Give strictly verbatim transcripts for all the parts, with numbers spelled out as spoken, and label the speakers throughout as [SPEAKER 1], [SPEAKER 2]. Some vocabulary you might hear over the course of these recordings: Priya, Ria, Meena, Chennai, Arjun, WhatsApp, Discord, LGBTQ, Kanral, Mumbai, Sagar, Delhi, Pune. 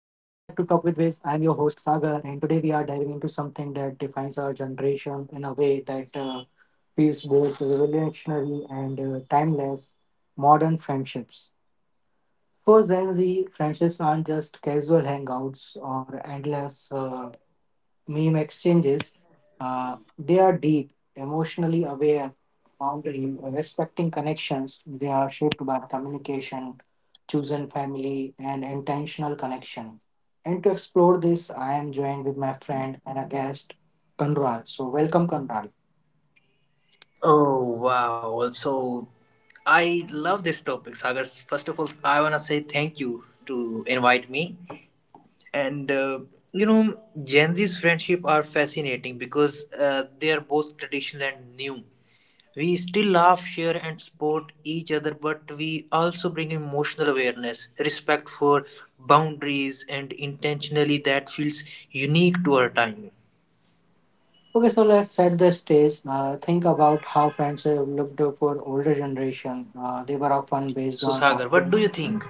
[SPEAKER 1] I am your host Sagar, and today we are diving into something that defines our generation in a way that uh, feels both revolutionary and uh, timeless modern friendships. For Gen Z, friendships aren't just casual hangouts or endless uh, meme exchanges, uh, they are deep, emotionally aware, boundary, respecting connections. They are shaped by communication, chosen family, and intentional connection. And to explore this, I am joined with my friend and a guest, Kanral. So, welcome, Kanral.
[SPEAKER 2] Oh, wow! Also, I love this topic, Sagar. First of all, I wanna say thank you to invite me. And uh, you know, Gen Z's friendship are fascinating because uh, they are both traditional and new. We still laugh, share, and support each other, but we also bring emotional awareness, respect for boundaries, and intentionally that feels unique to our time.
[SPEAKER 1] Okay, so let's set the stage. Uh, think about how friendship looked for older generation. Uh, they were often based
[SPEAKER 2] So,
[SPEAKER 1] on
[SPEAKER 2] Sagar, what
[SPEAKER 1] proximity.
[SPEAKER 2] do you think?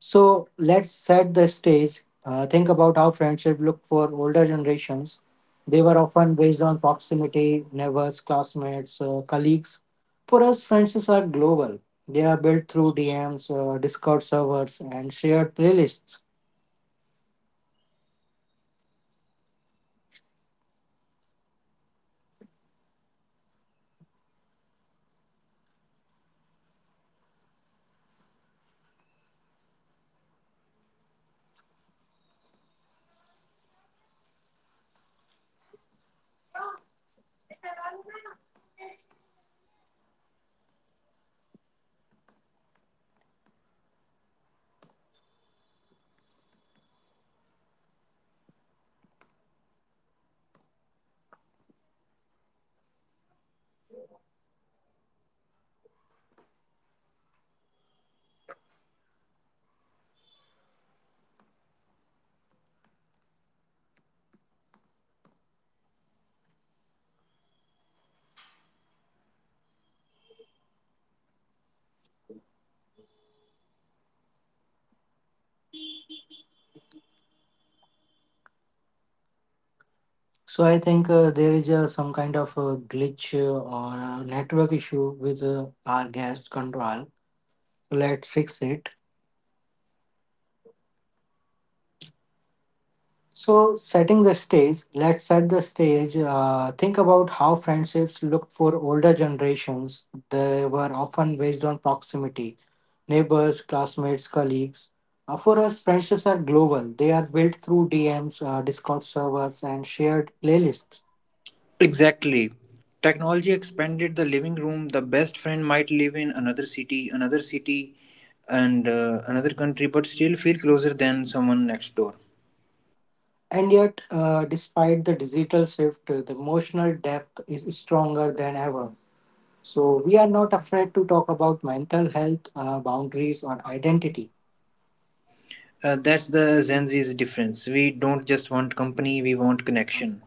[SPEAKER 1] So let's set the stage. Uh, think about how friendship looked for older generations. They were often based on proximity, neighbors, classmates, uh, colleagues. For us, friendships are global. They are built through D Ms, uh, Discord servers, and shared playlists. So I think uh, there is uh, some kind of a glitch uh, or a network issue with uh, our guest control. Let's fix it. So, setting the stage, let's set the stage. Uh, think about how friendships looked for older generations. They were often based on proximity, neighbors, classmates, colleagues. Uh, for us, friendships are global. They are built through D Ms, uh, Discord servers, and shared playlists.
[SPEAKER 3] Exactly. Technology expanded the living room. The best friend might live in another city, another city, and uh, another country, but still feel closer than someone next door.
[SPEAKER 1] And yet, uh, despite the digital shift, uh, the emotional depth is stronger than ever. So, we are not afraid to talk about mental health, uh, boundaries, or identity.
[SPEAKER 3] Uh, that's the Gen Z's difference. We don't just want company, we want connection.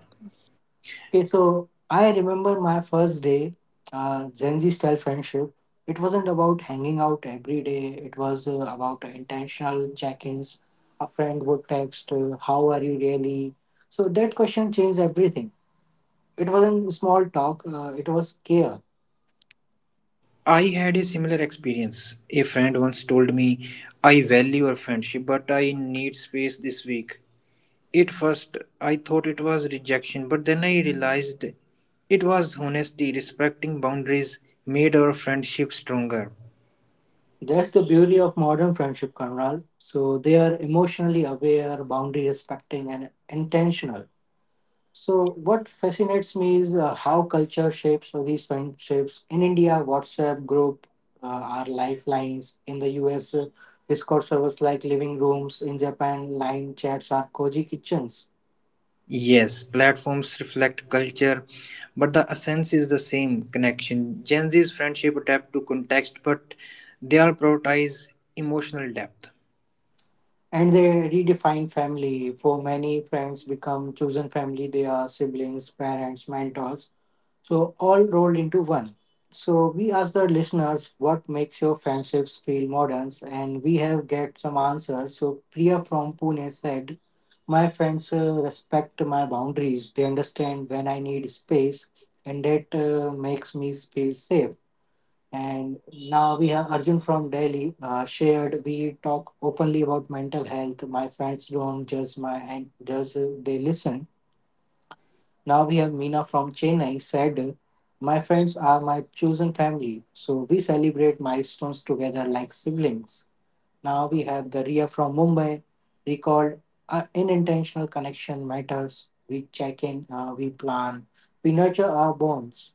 [SPEAKER 1] Okay, so I remember my first day, uh, Gen Z style friendship. It wasn't about hanging out every day, it was uh, about intentional check ins. A friend would text, uh, "How are you really?" So that question changed everything. It wasn't small talk, uh, it was care.
[SPEAKER 3] I had a similar experience. A friend once told me, I value our friendship, but I need space this week. At first, I thought it was rejection, but then I realized it was honesty, respecting boundaries made our friendship stronger.
[SPEAKER 1] That's the beauty of modern friendship, Conrad. So they are emotionally aware, boundary respecting, and intentional. So, what fascinates me is uh, how culture shapes all these friendships. In India, WhatsApp group uh, are lifelines. In the U S, uh, Discord servers like living rooms. In Japan, line chats are cozy kitchens.
[SPEAKER 3] Yes, platforms reflect culture, but the essence is the same connection. Gen Z's friendship adapt to context, but they all prioritize emotional depth.
[SPEAKER 1] And they redefine family. For many, friends become chosen family. They are siblings, parents, mentors. So, all rolled into one. So, we asked our listeners what makes your friendships feel modern, and we have get some answers. So, Priya from Pune said, "My friends uh, respect my boundaries. They understand when I need space, and that uh, makes me feel safe." And now we have Arjun from Delhi. Uh, shared, we talk openly about mental health. My friends don't judge my and judge. uh, They listen. Now we have Meena from Chennai. Said, uh, my friends are my chosen family, so we celebrate milestones together like siblings. Now we have the Ria from Mumbai, recalled uh, unintentional connection matters. We check in, uh, we plan, we nurture our bonds.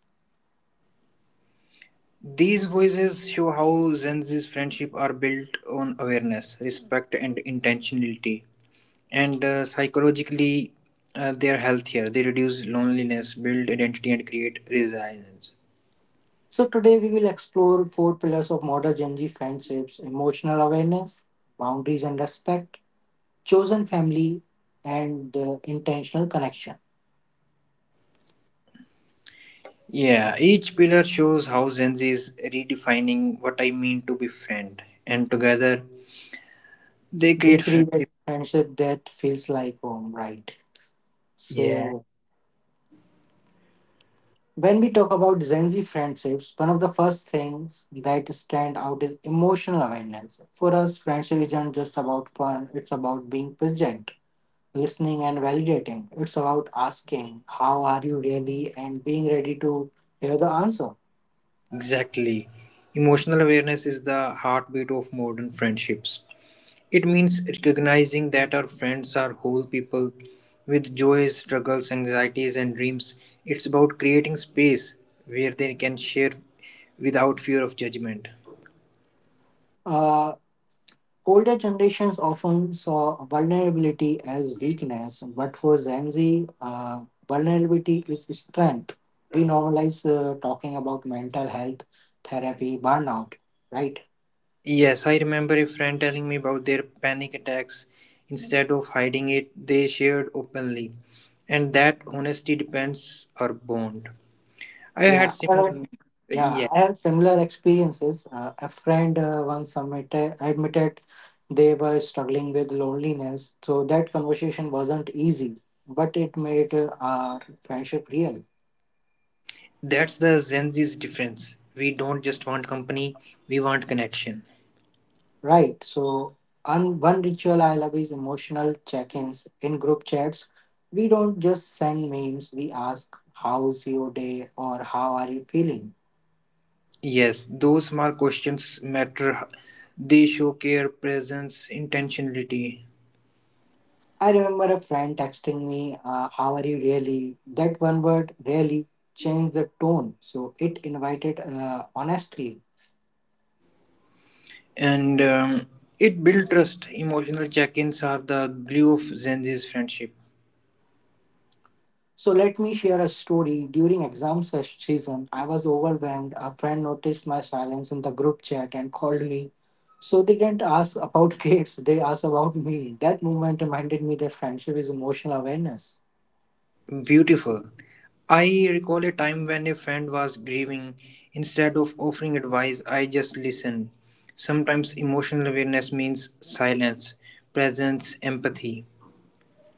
[SPEAKER 3] These voices show how Gen Z's friendship are built on awareness, respect, and intentionality. And uh, psychologically uh, they are healthier. They reduce loneliness, build identity, and create resilience.
[SPEAKER 1] So today we will explore four pillars of modern Gen Z friendships: emotional awareness, boundaries and respect, chosen family, and the intentional connection.
[SPEAKER 3] Yeah, each pillar shows how Gen Z is redefining what I mean to be friend, and together they
[SPEAKER 1] They
[SPEAKER 3] create
[SPEAKER 1] create
[SPEAKER 3] friendship.
[SPEAKER 1] friendship that feels like home, right?
[SPEAKER 3] Yeah.
[SPEAKER 1] So when we talk about Gen Z friendships, one of the first things that stand out is emotional awareness. For us, friendship isn't just about fun, it's about being present, listening, and validating. It's about asking, "How are you really?" and being ready to hear the answer.
[SPEAKER 3] Exactly. Emotional awareness is the heartbeat of modern friendships. It means recognizing that our friends are whole people with joys, struggles, anxieties, and dreams. It's about creating space where they can share without fear of judgment.
[SPEAKER 1] Uh, Older generations often saw vulnerability as weakness, but for Gen Z, uh, vulnerability is strength. We normalize uh, talking about mental health, therapy, burnout, right?
[SPEAKER 3] Yes, I remember a friend telling me about their panic attacks. Instead of hiding it, they shared openly. And that honesty depends our bond. I
[SPEAKER 1] Yeah,
[SPEAKER 3] had
[SPEAKER 1] uh,
[SPEAKER 3] similar.
[SPEAKER 1] yeah,
[SPEAKER 3] Yeah,
[SPEAKER 1] I have similar experiences. Uh, a friend uh, once admitted, admitted they were struggling with loneliness, so that conversation wasn't easy, but it made uh, our friendship real.
[SPEAKER 3] that's the Gen Z's difference. We don't just want company, we want connection.
[SPEAKER 1] Right, so un- one ritual I love is emotional check ins in group chats. We don't just send memes, we ask, "How's your day or how are you feeling?"
[SPEAKER 3] Yes, those small questions matter. They show care, presence, intentionality,
[SPEAKER 1] I remember a friend texting me, uh, "How are you really?" That one word, really, changed the tone. So it invited uh, honestly.
[SPEAKER 3] and um, it builds trust. Emotional check-ins are the glue of Gen Z's friendship.
[SPEAKER 1] So let me share a story. During exam ses- season, I was overwhelmed. A friend noticed my silence in the group chat and called me. So they didn't ask about grades, they asked about me. That moment reminded me that friendship is emotional awareness.
[SPEAKER 3] Beautiful. I recall a time when a friend was grieving. Instead of offering advice, I just listened. Sometimes emotional awareness means silence, presence, empathy.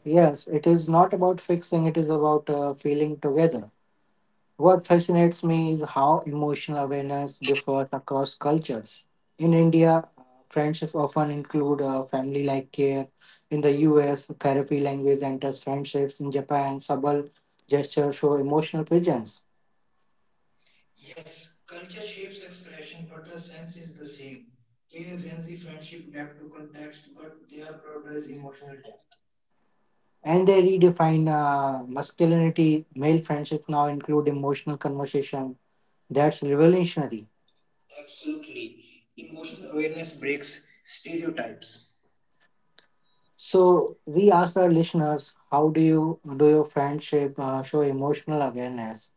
[SPEAKER 1] Yes, it is not about fixing, it is about uh, feeling together. What fascinates me is how emotional awareness differs across cultures. In India, uh, friendships often include uh, family like care. In the U S, therapy language enters friendships. In Japan, subtle gestures show emotional presence.
[SPEAKER 2] Yes, culture shapes expression, but the sense is the same. Chaos and the friendship adapt to context, but they are prioritized emotional depth.
[SPEAKER 1] And they redefine uh, masculinity. Male friendships now include emotional conversation. That's revolutionary.
[SPEAKER 2] Absolutely. Emotional awareness breaks stereotypes.
[SPEAKER 1] So we ask our listeners, how do you do your friendship uh, show emotional awareness?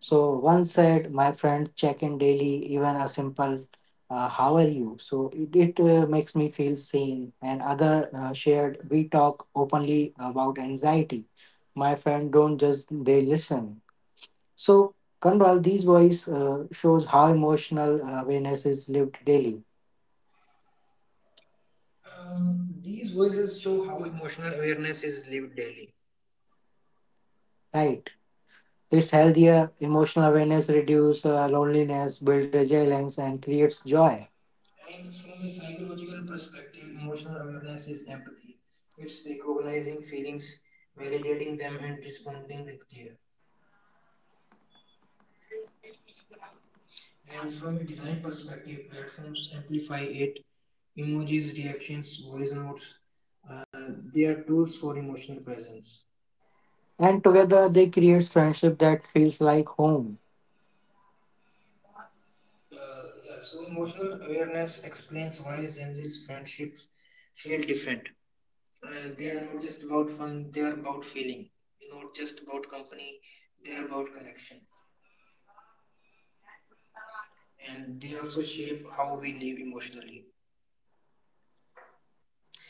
[SPEAKER 1] So one said, "My friend check in daily, even a simple uh, 'How are you?'" So it, it uh, makes me feel seen. And other uh, shared, we talk openly about anxiety. My friend don't just they listen. So Kanral, these voice uh, shows how emotional awareness is lived daily,
[SPEAKER 2] Um, these voices show how emotional awareness is lived daily.
[SPEAKER 1] right? It's healthier. Emotional awareness reduce uh, loneliness, build resilience, and creates joy.
[SPEAKER 2] And from a psychological perspective, emotional awareness is empathy. It's recognizing feelings, validating them, and responding with care. And from a design perspective, platforms amplify it. Emojis, reactions, voice notes, uh, they are tools for emotional presence.
[SPEAKER 1] And together they creates friendship that feels like home.
[SPEAKER 2] Uh, yeah, so emotional awareness explains why Gen Z's friendships feel different. Uh, they are not just about fun, they are about feeling. Not just about company, they are about connection. And they also shape how we live emotionally.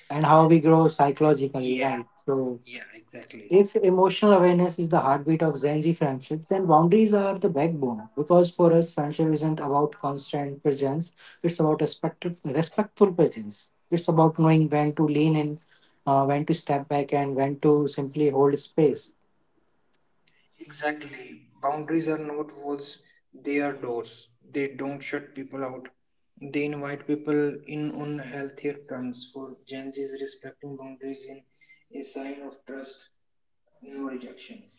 [SPEAKER 1] And how
[SPEAKER 2] And
[SPEAKER 1] we grow psychologically,
[SPEAKER 2] yeah,
[SPEAKER 1] right? So,
[SPEAKER 2] yeah, exactly.
[SPEAKER 1] if emotional awareness is the heartbeat of Gen Z friendship, then boundaries are the backbone. Because for us, friendship isn't about constant presence; it's about respect respectful presence. It's about knowing when to lean in, uh, when to step back, and when to simply hold space.
[SPEAKER 2] Exactly. Boundaries are not walls, they are doors. They don't shut people out. They invite people in on healthier terms. For Gen Z's, respecting boundaries in a sign of trust, no rejection.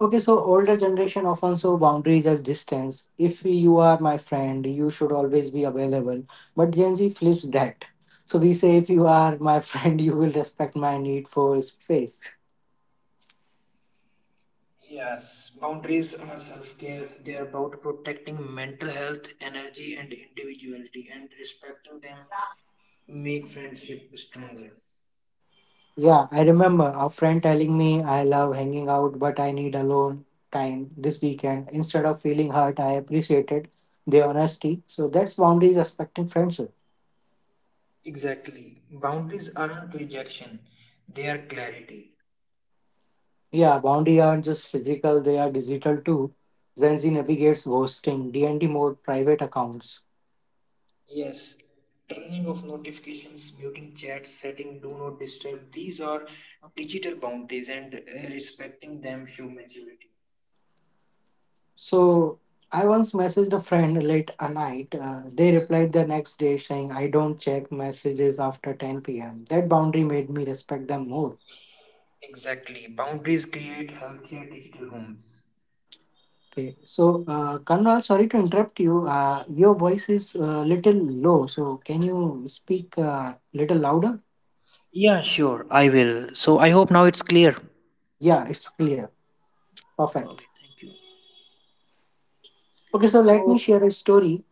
[SPEAKER 1] Okay, so older generation often saw boundaries as distance. If you are my friend, you should always be available. But Gen Z flips that. So we say, if you are my friend, you will respect my need for space.
[SPEAKER 2] Yes, boundaries are self care. They are about protecting mental health, energy, and individuality, and respecting them make friendship stronger.
[SPEAKER 1] Yeah, I remember a friend telling me, "I love hanging out, but I need alone time this weekend." Instead of feeling hurt, I appreciated their honesty. So that's boundaries respecting friendship.
[SPEAKER 2] Exactly. Boundaries aren't rejection, they are clarity.
[SPEAKER 1] Yeah, boundary aren't just physical, they are digital too. Gen Z navigates ghosting, D and D mode, private accounts.
[SPEAKER 2] Yes, turning off notifications, muting chats, setting do not disturb, these are digital boundaries and uh, respecting them show maturity.
[SPEAKER 1] So I once messaged a friend late at night. Uh, they replied the next day saying, "I don't check messages after ten p m" That boundary made me respect them more.
[SPEAKER 2] Exactly, boundaries create healthier digital homes.
[SPEAKER 1] Okay, so uh, Kanwal, sorry to interrupt you. Uh, your voice is a little low, so can you speak a little louder?
[SPEAKER 2] Yeah, sure, I will. So I hope now it's clear.
[SPEAKER 1] Yeah, it's clear. Perfect.
[SPEAKER 2] Okay, thank you.
[SPEAKER 1] Okay, so let me
[SPEAKER 2] So,
[SPEAKER 1] share a story.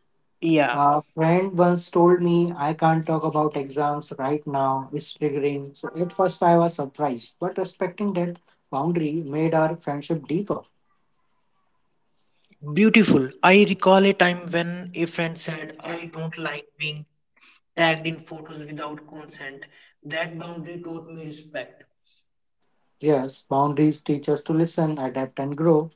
[SPEAKER 2] yeah,
[SPEAKER 1] A friend once told me, "I can't talk about exams right now, it's triggering." So at first I was surprised, but respecting that boundary made our friendship deeper.
[SPEAKER 2] full. I recall a time when a friend said, I don't like being tagged in photos without consent. That boundary taught me respect.
[SPEAKER 1] Yes, boundaries teach us to listen, adapt, and grow.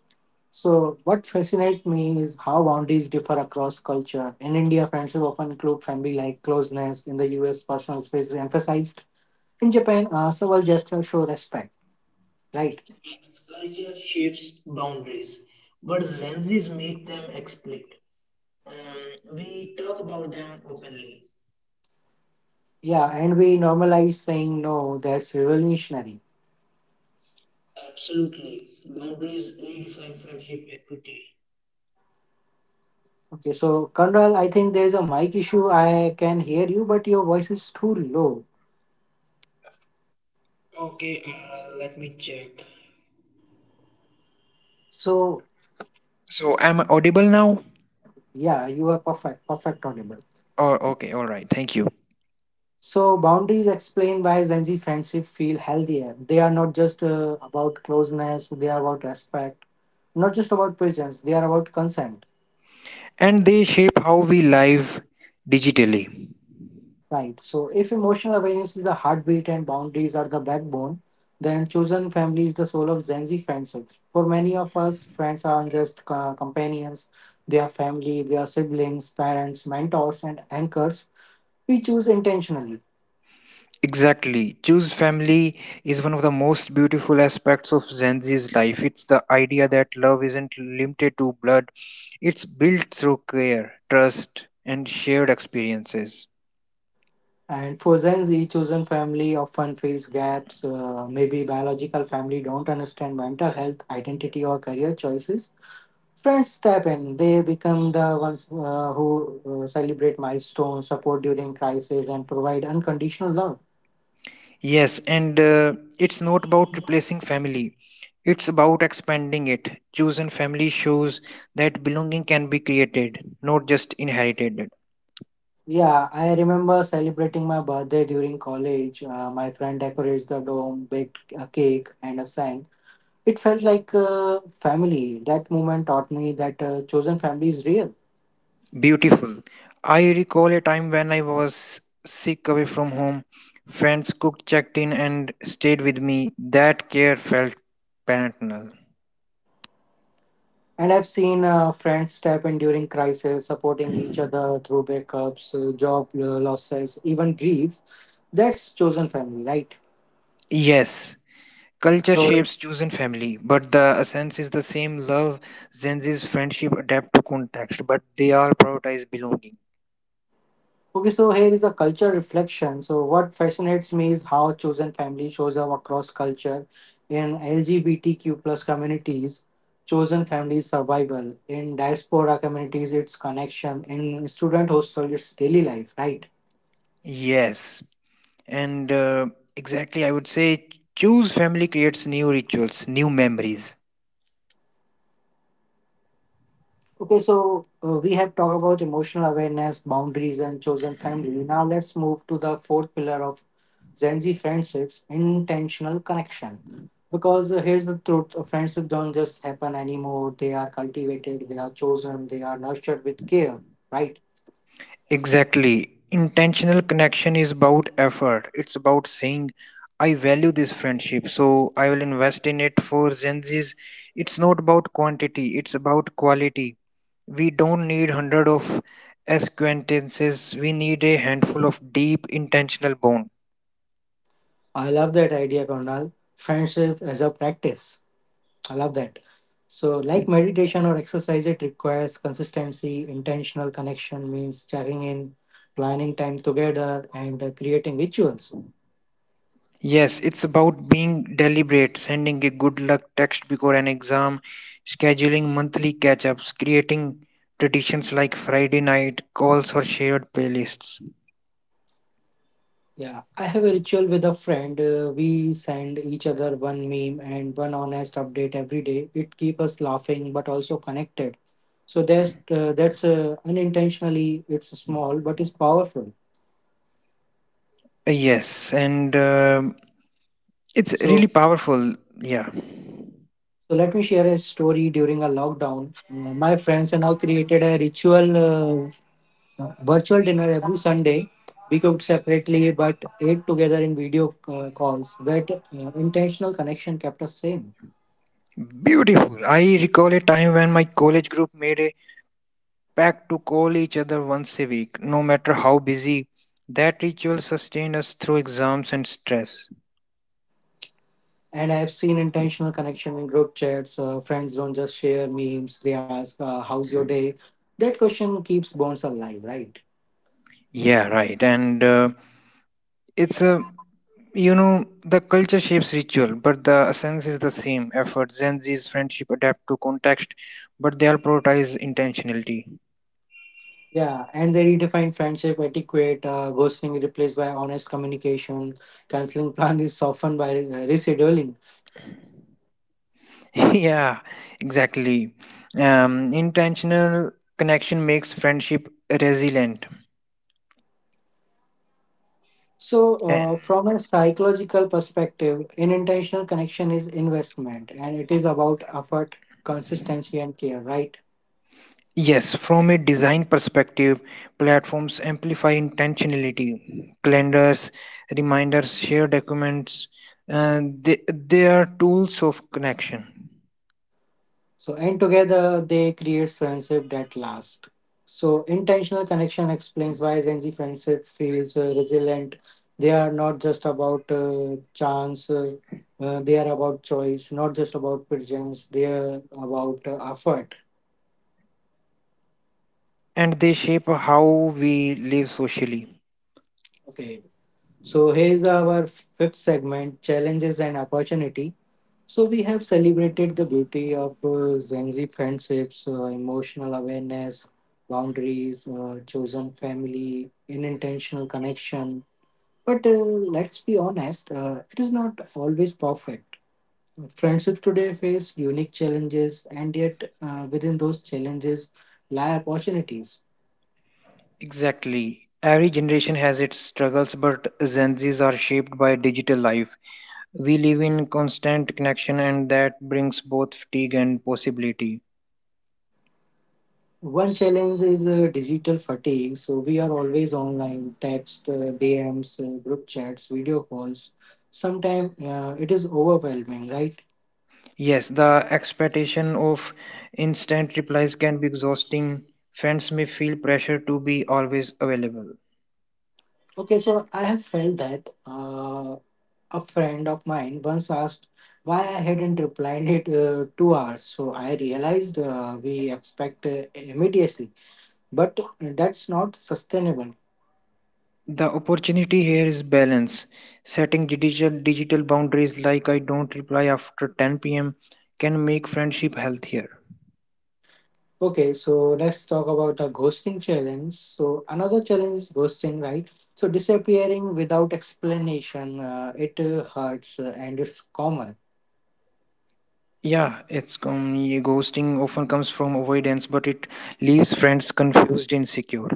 [SPEAKER 1] So, what fascinates me is how boundaries differ across culture. In India, friendship often include family like closeness. In the U S, personal space is emphasized. In Japan, uh, several gestures show respect, right?
[SPEAKER 2] Its culture shapes boundaries, but Zenzis make them explicit. Um, we talk about them openly.
[SPEAKER 1] Yeah, and we normalize saying no, that's revolutionary.
[SPEAKER 2] Absolutely. Boundaries redefine friendship equity.
[SPEAKER 1] Okay, so Kanral, I think there's a mic issue. I can hear you, but your voice is too low.
[SPEAKER 2] Okay, uh, let me check.
[SPEAKER 1] So
[SPEAKER 2] So am I audible now?
[SPEAKER 1] yeah, you are perfect, perfect audible.
[SPEAKER 2] Or okay, all right, thank you.
[SPEAKER 1] So boundaries explain why Gen Z friendship feel healthier. They are not just uh, about closeness; they are about respect. Not just about presence; they are about consent.
[SPEAKER 2] And they shape how we live digitally.
[SPEAKER 1] Right. So, if emotional awareness is the heartbeat and boundaries are the backbone, then chosen family is the soul of Gen Z friendships. For many of us, friends aren't just uh, companions, they are family, they are siblings, parents, mentors, and anchors we choose intentionally.
[SPEAKER 2] Exactly. Choose family is one of the most beautiful aspects of Gen Z's life. It's the idea that love isn't limited to blood, it's built through care, trust, and shared experiences.
[SPEAKER 1] And for Gen Z, chosen family often fills gaps. Uh, maybe biological family don't understand mental health, identity, or career choices. Friends step in. They become the ones uh, who uh, celebrate milestones, support during crisis, and provide unconditional love.
[SPEAKER 2] Yes, and uh, it's not about replacing family, it's about expanding it. Chosen family shows that belonging can be created, not just inherited.
[SPEAKER 1] Yeah, I remember celebrating my birthday during college. Uh, my friend decorates the dome, baked a cake, and a sang. It felt like uh, family. That moment taught me that uh, chosen family is real.
[SPEAKER 2] Beautiful. I recall a time when I was sick away from home. Friends cooked, checked in, and stayed with me. That care felt paternal.
[SPEAKER 1] And I've seen uh, friends step in during crisis, supporting each other through breakups, uh, job uh, losses, even grief. That's chosen family, right?
[SPEAKER 2] Yes, culture
[SPEAKER 1] So
[SPEAKER 2] shapes chosen family, but the essence is the same love, Zenzi's friendship adapt to context, but they all prioritize belonging.
[SPEAKER 1] okay, so here is a culture reflection. So, what fascinates me is how chosen family shows up across culture. In L G B T Q plus communities, chosen family is survival. In diaspora communities, it's connection. In student hostel, it's daily life, right?
[SPEAKER 2] Yes, and uh, exactly, I would say choose family creates new rituals, new memories.
[SPEAKER 1] Okay, so uh, we have talked about emotional awareness, boundaries, and chosen family. Now, let's move to the fourth pillar of Gen Z friendships, intentional connection. Because uh, here's the truth uh, friendship don't just happen anymore. They are cultivated, they are chosen, they are nurtured with care, right?
[SPEAKER 2] Exactly. Intentional connection is about effort. It's about saying, I value this friendship, so I will invest in it for Gen Z's. It's not about quantity, it's about quality. We don't need hundred of acquaintances, we need a handful of deep intentional bond.
[SPEAKER 1] I love that idea, Colonel. Friendship as a practice. I love that. So, like meditation or exercise, it requires consistency, intentional connection means checking in, planning time together, and uh, creating rituals.
[SPEAKER 2] Yes, it's about being deliberate, sending a good luck text before an exam, scheduling monthly catch ups, creating traditions like Friday night calls or shared playlists.
[SPEAKER 1] Yeah, I have a ritual with a friend. Uh, we send each other one meme and one honest update every day. It keeps us laughing but also connected. So that's uh, that's uh, unintentionally it's small but it's powerful.
[SPEAKER 2] Yes, and um it's really
[SPEAKER 1] So
[SPEAKER 2] powerful. Yeah,
[SPEAKER 1] so let me share a story during a lockdown. Uh, my friends and I created a ritual, uh, virtual dinner every Sunday. We cooked separately but ate together in video uh, calls. That uh, intentional connection kept us sane.
[SPEAKER 2] beautiful. I recall a time when my college group made a pact to call each other once a week, no matter how busy. That ritual sustained us through exams and stress.
[SPEAKER 1] And I've seen intentional connection in group chats. Uh, friends don't just share memes, they ask, uh, how's your day? That question keeps bonds alive, right?
[SPEAKER 2] Yeah, right. And uh, it's a you know The culture shapes ritual, but the essence is the same. Effort, Gen Z's friendship adapt to context, but they all prioritize intentionality.
[SPEAKER 1] Yeah, and they redefine friendship etiquette. Uh, ghosting is replaced by honest communication. Canceling plan is softened by uh, rescheduling.
[SPEAKER 2] Yeah, exactly. Um, intentional connection makes friendship resilient.
[SPEAKER 1] So,
[SPEAKER 2] And
[SPEAKER 1] uh, from a psychological perspective, an intentional connection is investment, and it is about effort, consistency, and care, right?
[SPEAKER 2] yes, from a design perspective, platforms amplify intentionality. Calendars, reminders, shared documents, uh, they, they are tools of connection
[SPEAKER 1] So, and together they create friendship that last. So, intentional connection explains why Gen Z friendship feels uh, resilient. They are not just about uh, chance, uh, uh, they are about choice, not just about presence, they are about uh, effort.
[SPEAKER 2] and they shape how we live socially.
[SPEAKER 1] Okay. So, here's our fifth segment, challenges and opportunity. So we have celebrated the beauty of uh, Gen Z friendships, uh, emotional awareness, boundaries, uh, chosen family, and intentional connection. But uh, let's be honest, uh, it is not always perfect. Friendships today face unique challenges, and yet uh, within those challenges lie opportunities.
[SPEAKER 2] Exactly. Every generation has its struggles, but Gen Zs are shaped by digital life. We live in constant connection, and that brings both fatigue and possibility.
[SPEAKER 1] One challenge is uh, digital fatigue. So we are always online, text, uh, D Ms, uh, group chats, video calls. Sometimes uh, it is overwhelming, right?
[SPEAKER 2] Yes, the expectation of instant replies can be exhausting. Friends may feel pressure to be always available.
[SPEAKER 1] Okay, so I have felt that. Uh, a friend of mine once asked why I hadn't replied it uh, two hours. So I realized uh, we expect uh, immediacy, but that's not sustainable.
[SPEAKER 2] The opportunity here is balance. Setting digital digital boundaries like I don't reply after ten p m can make friendship healthier.
[SPEAKER 1] Okay, so let's talk about the ghosting challenge. So another challenge is ghosting, right? So disappearing without explanation, uh, it uh, hurts uh, and it's common.
[SPEAKER 2] Yeah, it's com- Ghosting often comes from avoidance, but it leaves friends confused and insecure.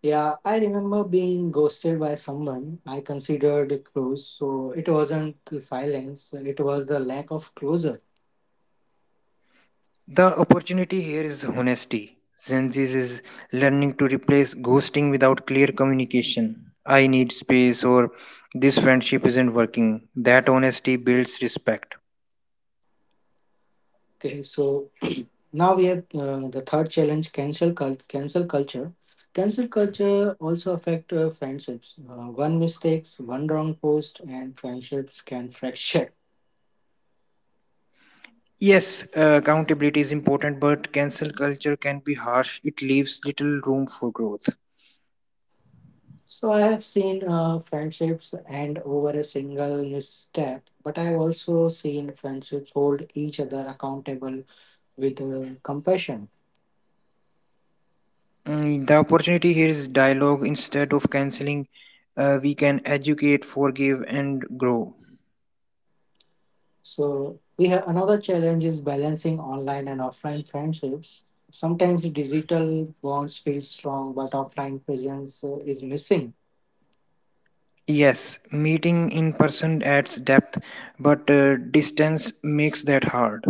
[SPEAKER 1] Yeah, I remember being ghosted by someone I considered close. So it wasn't the silence; it was the lack of closure.
[SPEAKER 2] The opportunity here is honesty. Zenzi's is learning to replace ghosting without clear communication. I need space, or this friendship isn't working. That honesty builds respect.
[SPEAKER 1] Okay, so now we have uh, the third challenge, cancel cult- cancel culture. Cancel culture also affect uh, friendships. Uh, one mistakes, one wrong post, and friendships can fracture.
[SPEAKER 2] Yes, uh, accountability is important, but cancel culture can be harsh. It leaves little room for growth.
[SPEAKER 1] So I have seen uh, friendships end over a single misstep, but I have also seen friendships hold each other accountable with uh, compassion.
[SPEAKER 2] Mm, the opportunity here is dialogue. Instead of canceling, uh, we can educate, forgive, and grow.
[SPEAKER 1] So we have another challenge, is balancing online and offline friendships. Sometimes digital bonds feel strong, but offline presence uh, is missing.
[SPEAKER 2] Yes, meeting in person adds depth, but uh, distance makes that hard.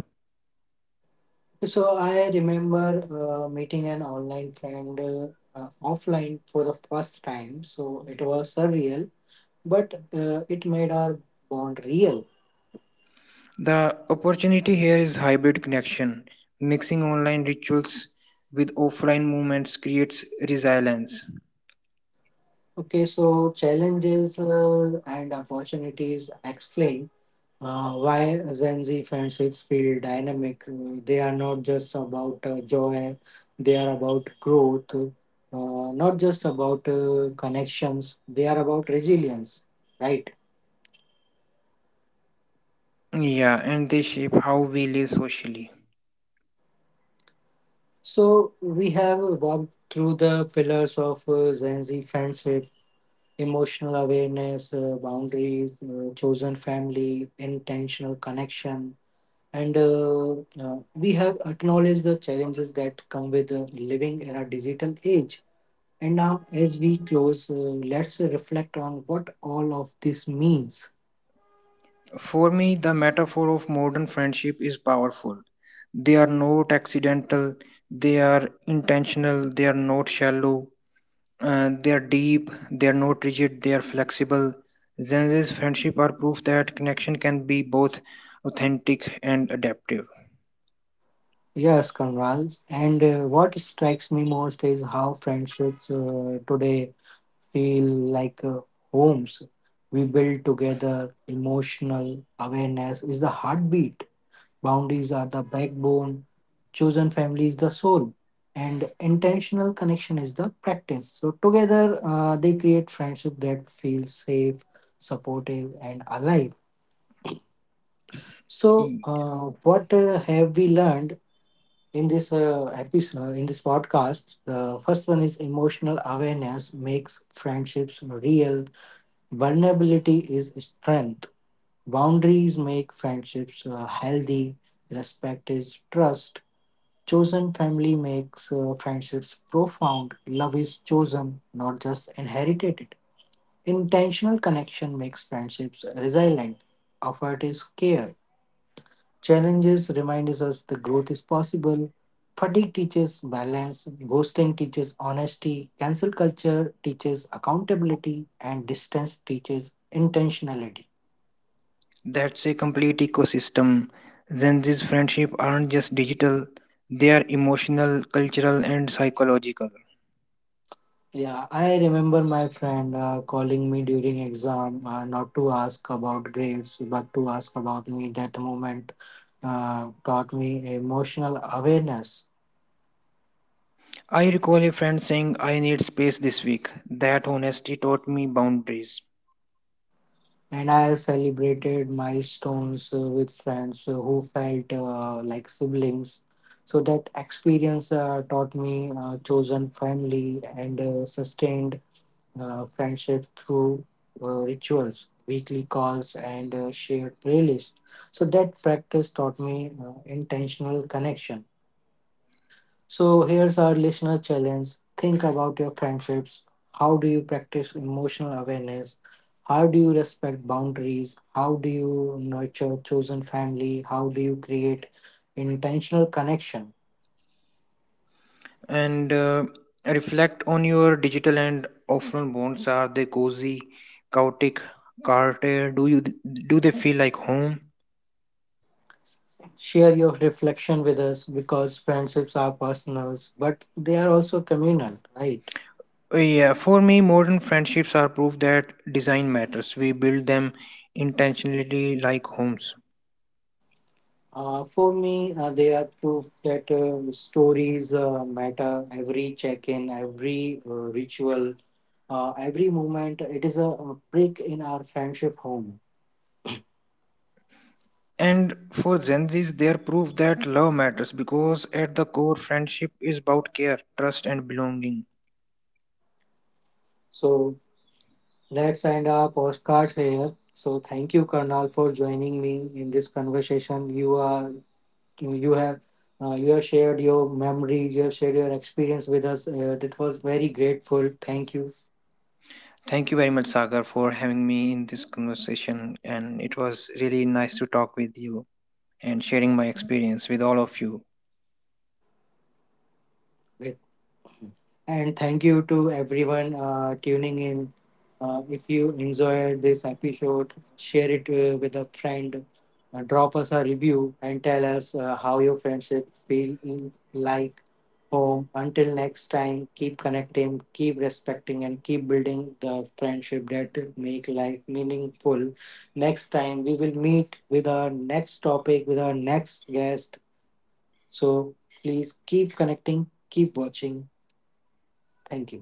[SPEAKER 1] So I remember uh, meeting an online friend uh, uh, offline for the first time. So it was surreal, but uh, it made our bond real.
[SPEAKER 2] The opportunity here is hybrid connection. Mixing online rituals with offline movements creates resilience.
[SPEAKER 1] Okay, so challenges uh, and opportunities explained Uh, why Gen Z friendships feel dynamic. Uh, They are not just about uh, joy, they are about growth, uh, not just about uh, connections, they are about resilience, right?
[SPEAKER 2] Yeah, and they shape how we live socially.
[SPEAKER 1] So, we have walked through the pillars of uh, Gen Z friendship: emotional awareness, uh, boundaries, uh, chosen family, intentional connection. And uh, uh, We have acknowledged the challenges that come with uh, living in a digital age. And now, as we close, uh, let's reflect on what all of this means.
[SPEAKER 2] For me, the metaphor of modern friendship is powerful. They are not accidental, they are intentional, they are not shallow, uh, they are deep, they are not rigid, they are flexible. Gen Z's friendship are proof that connection can be both authentic and adaptive.
[SPEAKER 1] Yes, Conrad. And uh, what strikes me most is how friendships uh, today feel like uh, homes we build together. Emotional awareness is the heartbeat, boundaries are the backbone, chosen family is the soul, and intentional connection is the practice. So, together, uh, they create friendship that feels safe, supportive, and alive. So, uh,
[SPEAKER 2] Yes.
[SPEAKER 1] what uh, have we learned in this uh, episode, in this podcast? The first one is emotional awareness makes friendships real. Vulnerability is strength. Boundaries make friendships uh, healthy. Respect is trust. Chosen family makes uh, friendships profound. Love is chosen, not just inherited. Intentional connection makes friendships resilient. Effort is care. Challenges remind us the growth is possible. Fatigue teaches balance, ghosting teaches honesty, cancel culture teaches accountability, and distance teaches intentionality.
[SPEAKER 2] That's a complete ecosystem. Gen Z's friendship aren't just digital, they are emotional, cultural, and psychological.
[SPEAKER 1] Yeah, I remember my friend uh, calling me during exam, uh, not to ask about grades, but to ask about me. That moment uh, taught me emotional awareness.
[SPEAKER 2] I recall a friend saying, I need space this week. That honesty taught me boundaries.
[SPEAKER 1] And I celebrated milestones uh, with friends uh, who felt uh, like siblings. So that experience uh, taught me uh, chosen family, and uh, sustained uh, friendship through uh, rituals, weekly calls, and uh, shared playlists. So that practice taught me uh, intentional connection. So here's our listener challenge. Think about your friendships. How do you practice emotional awareness? How do you respect boundaries? How do you nurture chosen family? How do you create intentional connection?
[SPEAKER 2] And uh, Reflect on your digital and offline bonds. Are they cozy, chaotic, carter? Do you do they feel like home?
[SPEAKER 1] Share your reflection with us because friendships are personal, but they are also communal, right?
[SPEAKER 2] Uh, Yeah, for me, modern friendships are proof that design matters. We build them intentionally like homes.
[SPEAKER 1] Uh, for me, uh, they are proof that uh, stories uh, matter. Every check in, every uh, ritual, uh, every moment, it is a, a brick in our friendship home.
[SPEAKER 2] And for Gen Z's, they are proof that love matters because at the core, friendship is about care, trust, and belonging.
[SPEAKER 1] So let's end our postcard here. So thank you, Karnal, for joining me in this conversation. You are, you have, uh, you have shared your memory, you have shared your experience with us. Uh, it was very grateful. Thank you.
[SPEAKER 2] Thank you very much, Sagar, for having me in this conversation. And it was really nice to talk with you and sharing my experience with all of you.
[SPEAKER 1] And thank you to everyone uh, tuning in. Uh, if you enjoyed this episode, share it uh, with a friend, uh, drop us a review, and tell us uh, how your friendship feel in- like home. Until next time, keep connecting, keep respecting, and keep building the friendship that make life meaningful. Next time, we will meet with our next topic, with our next guest. So please keep connecting, keep watching. Thank you.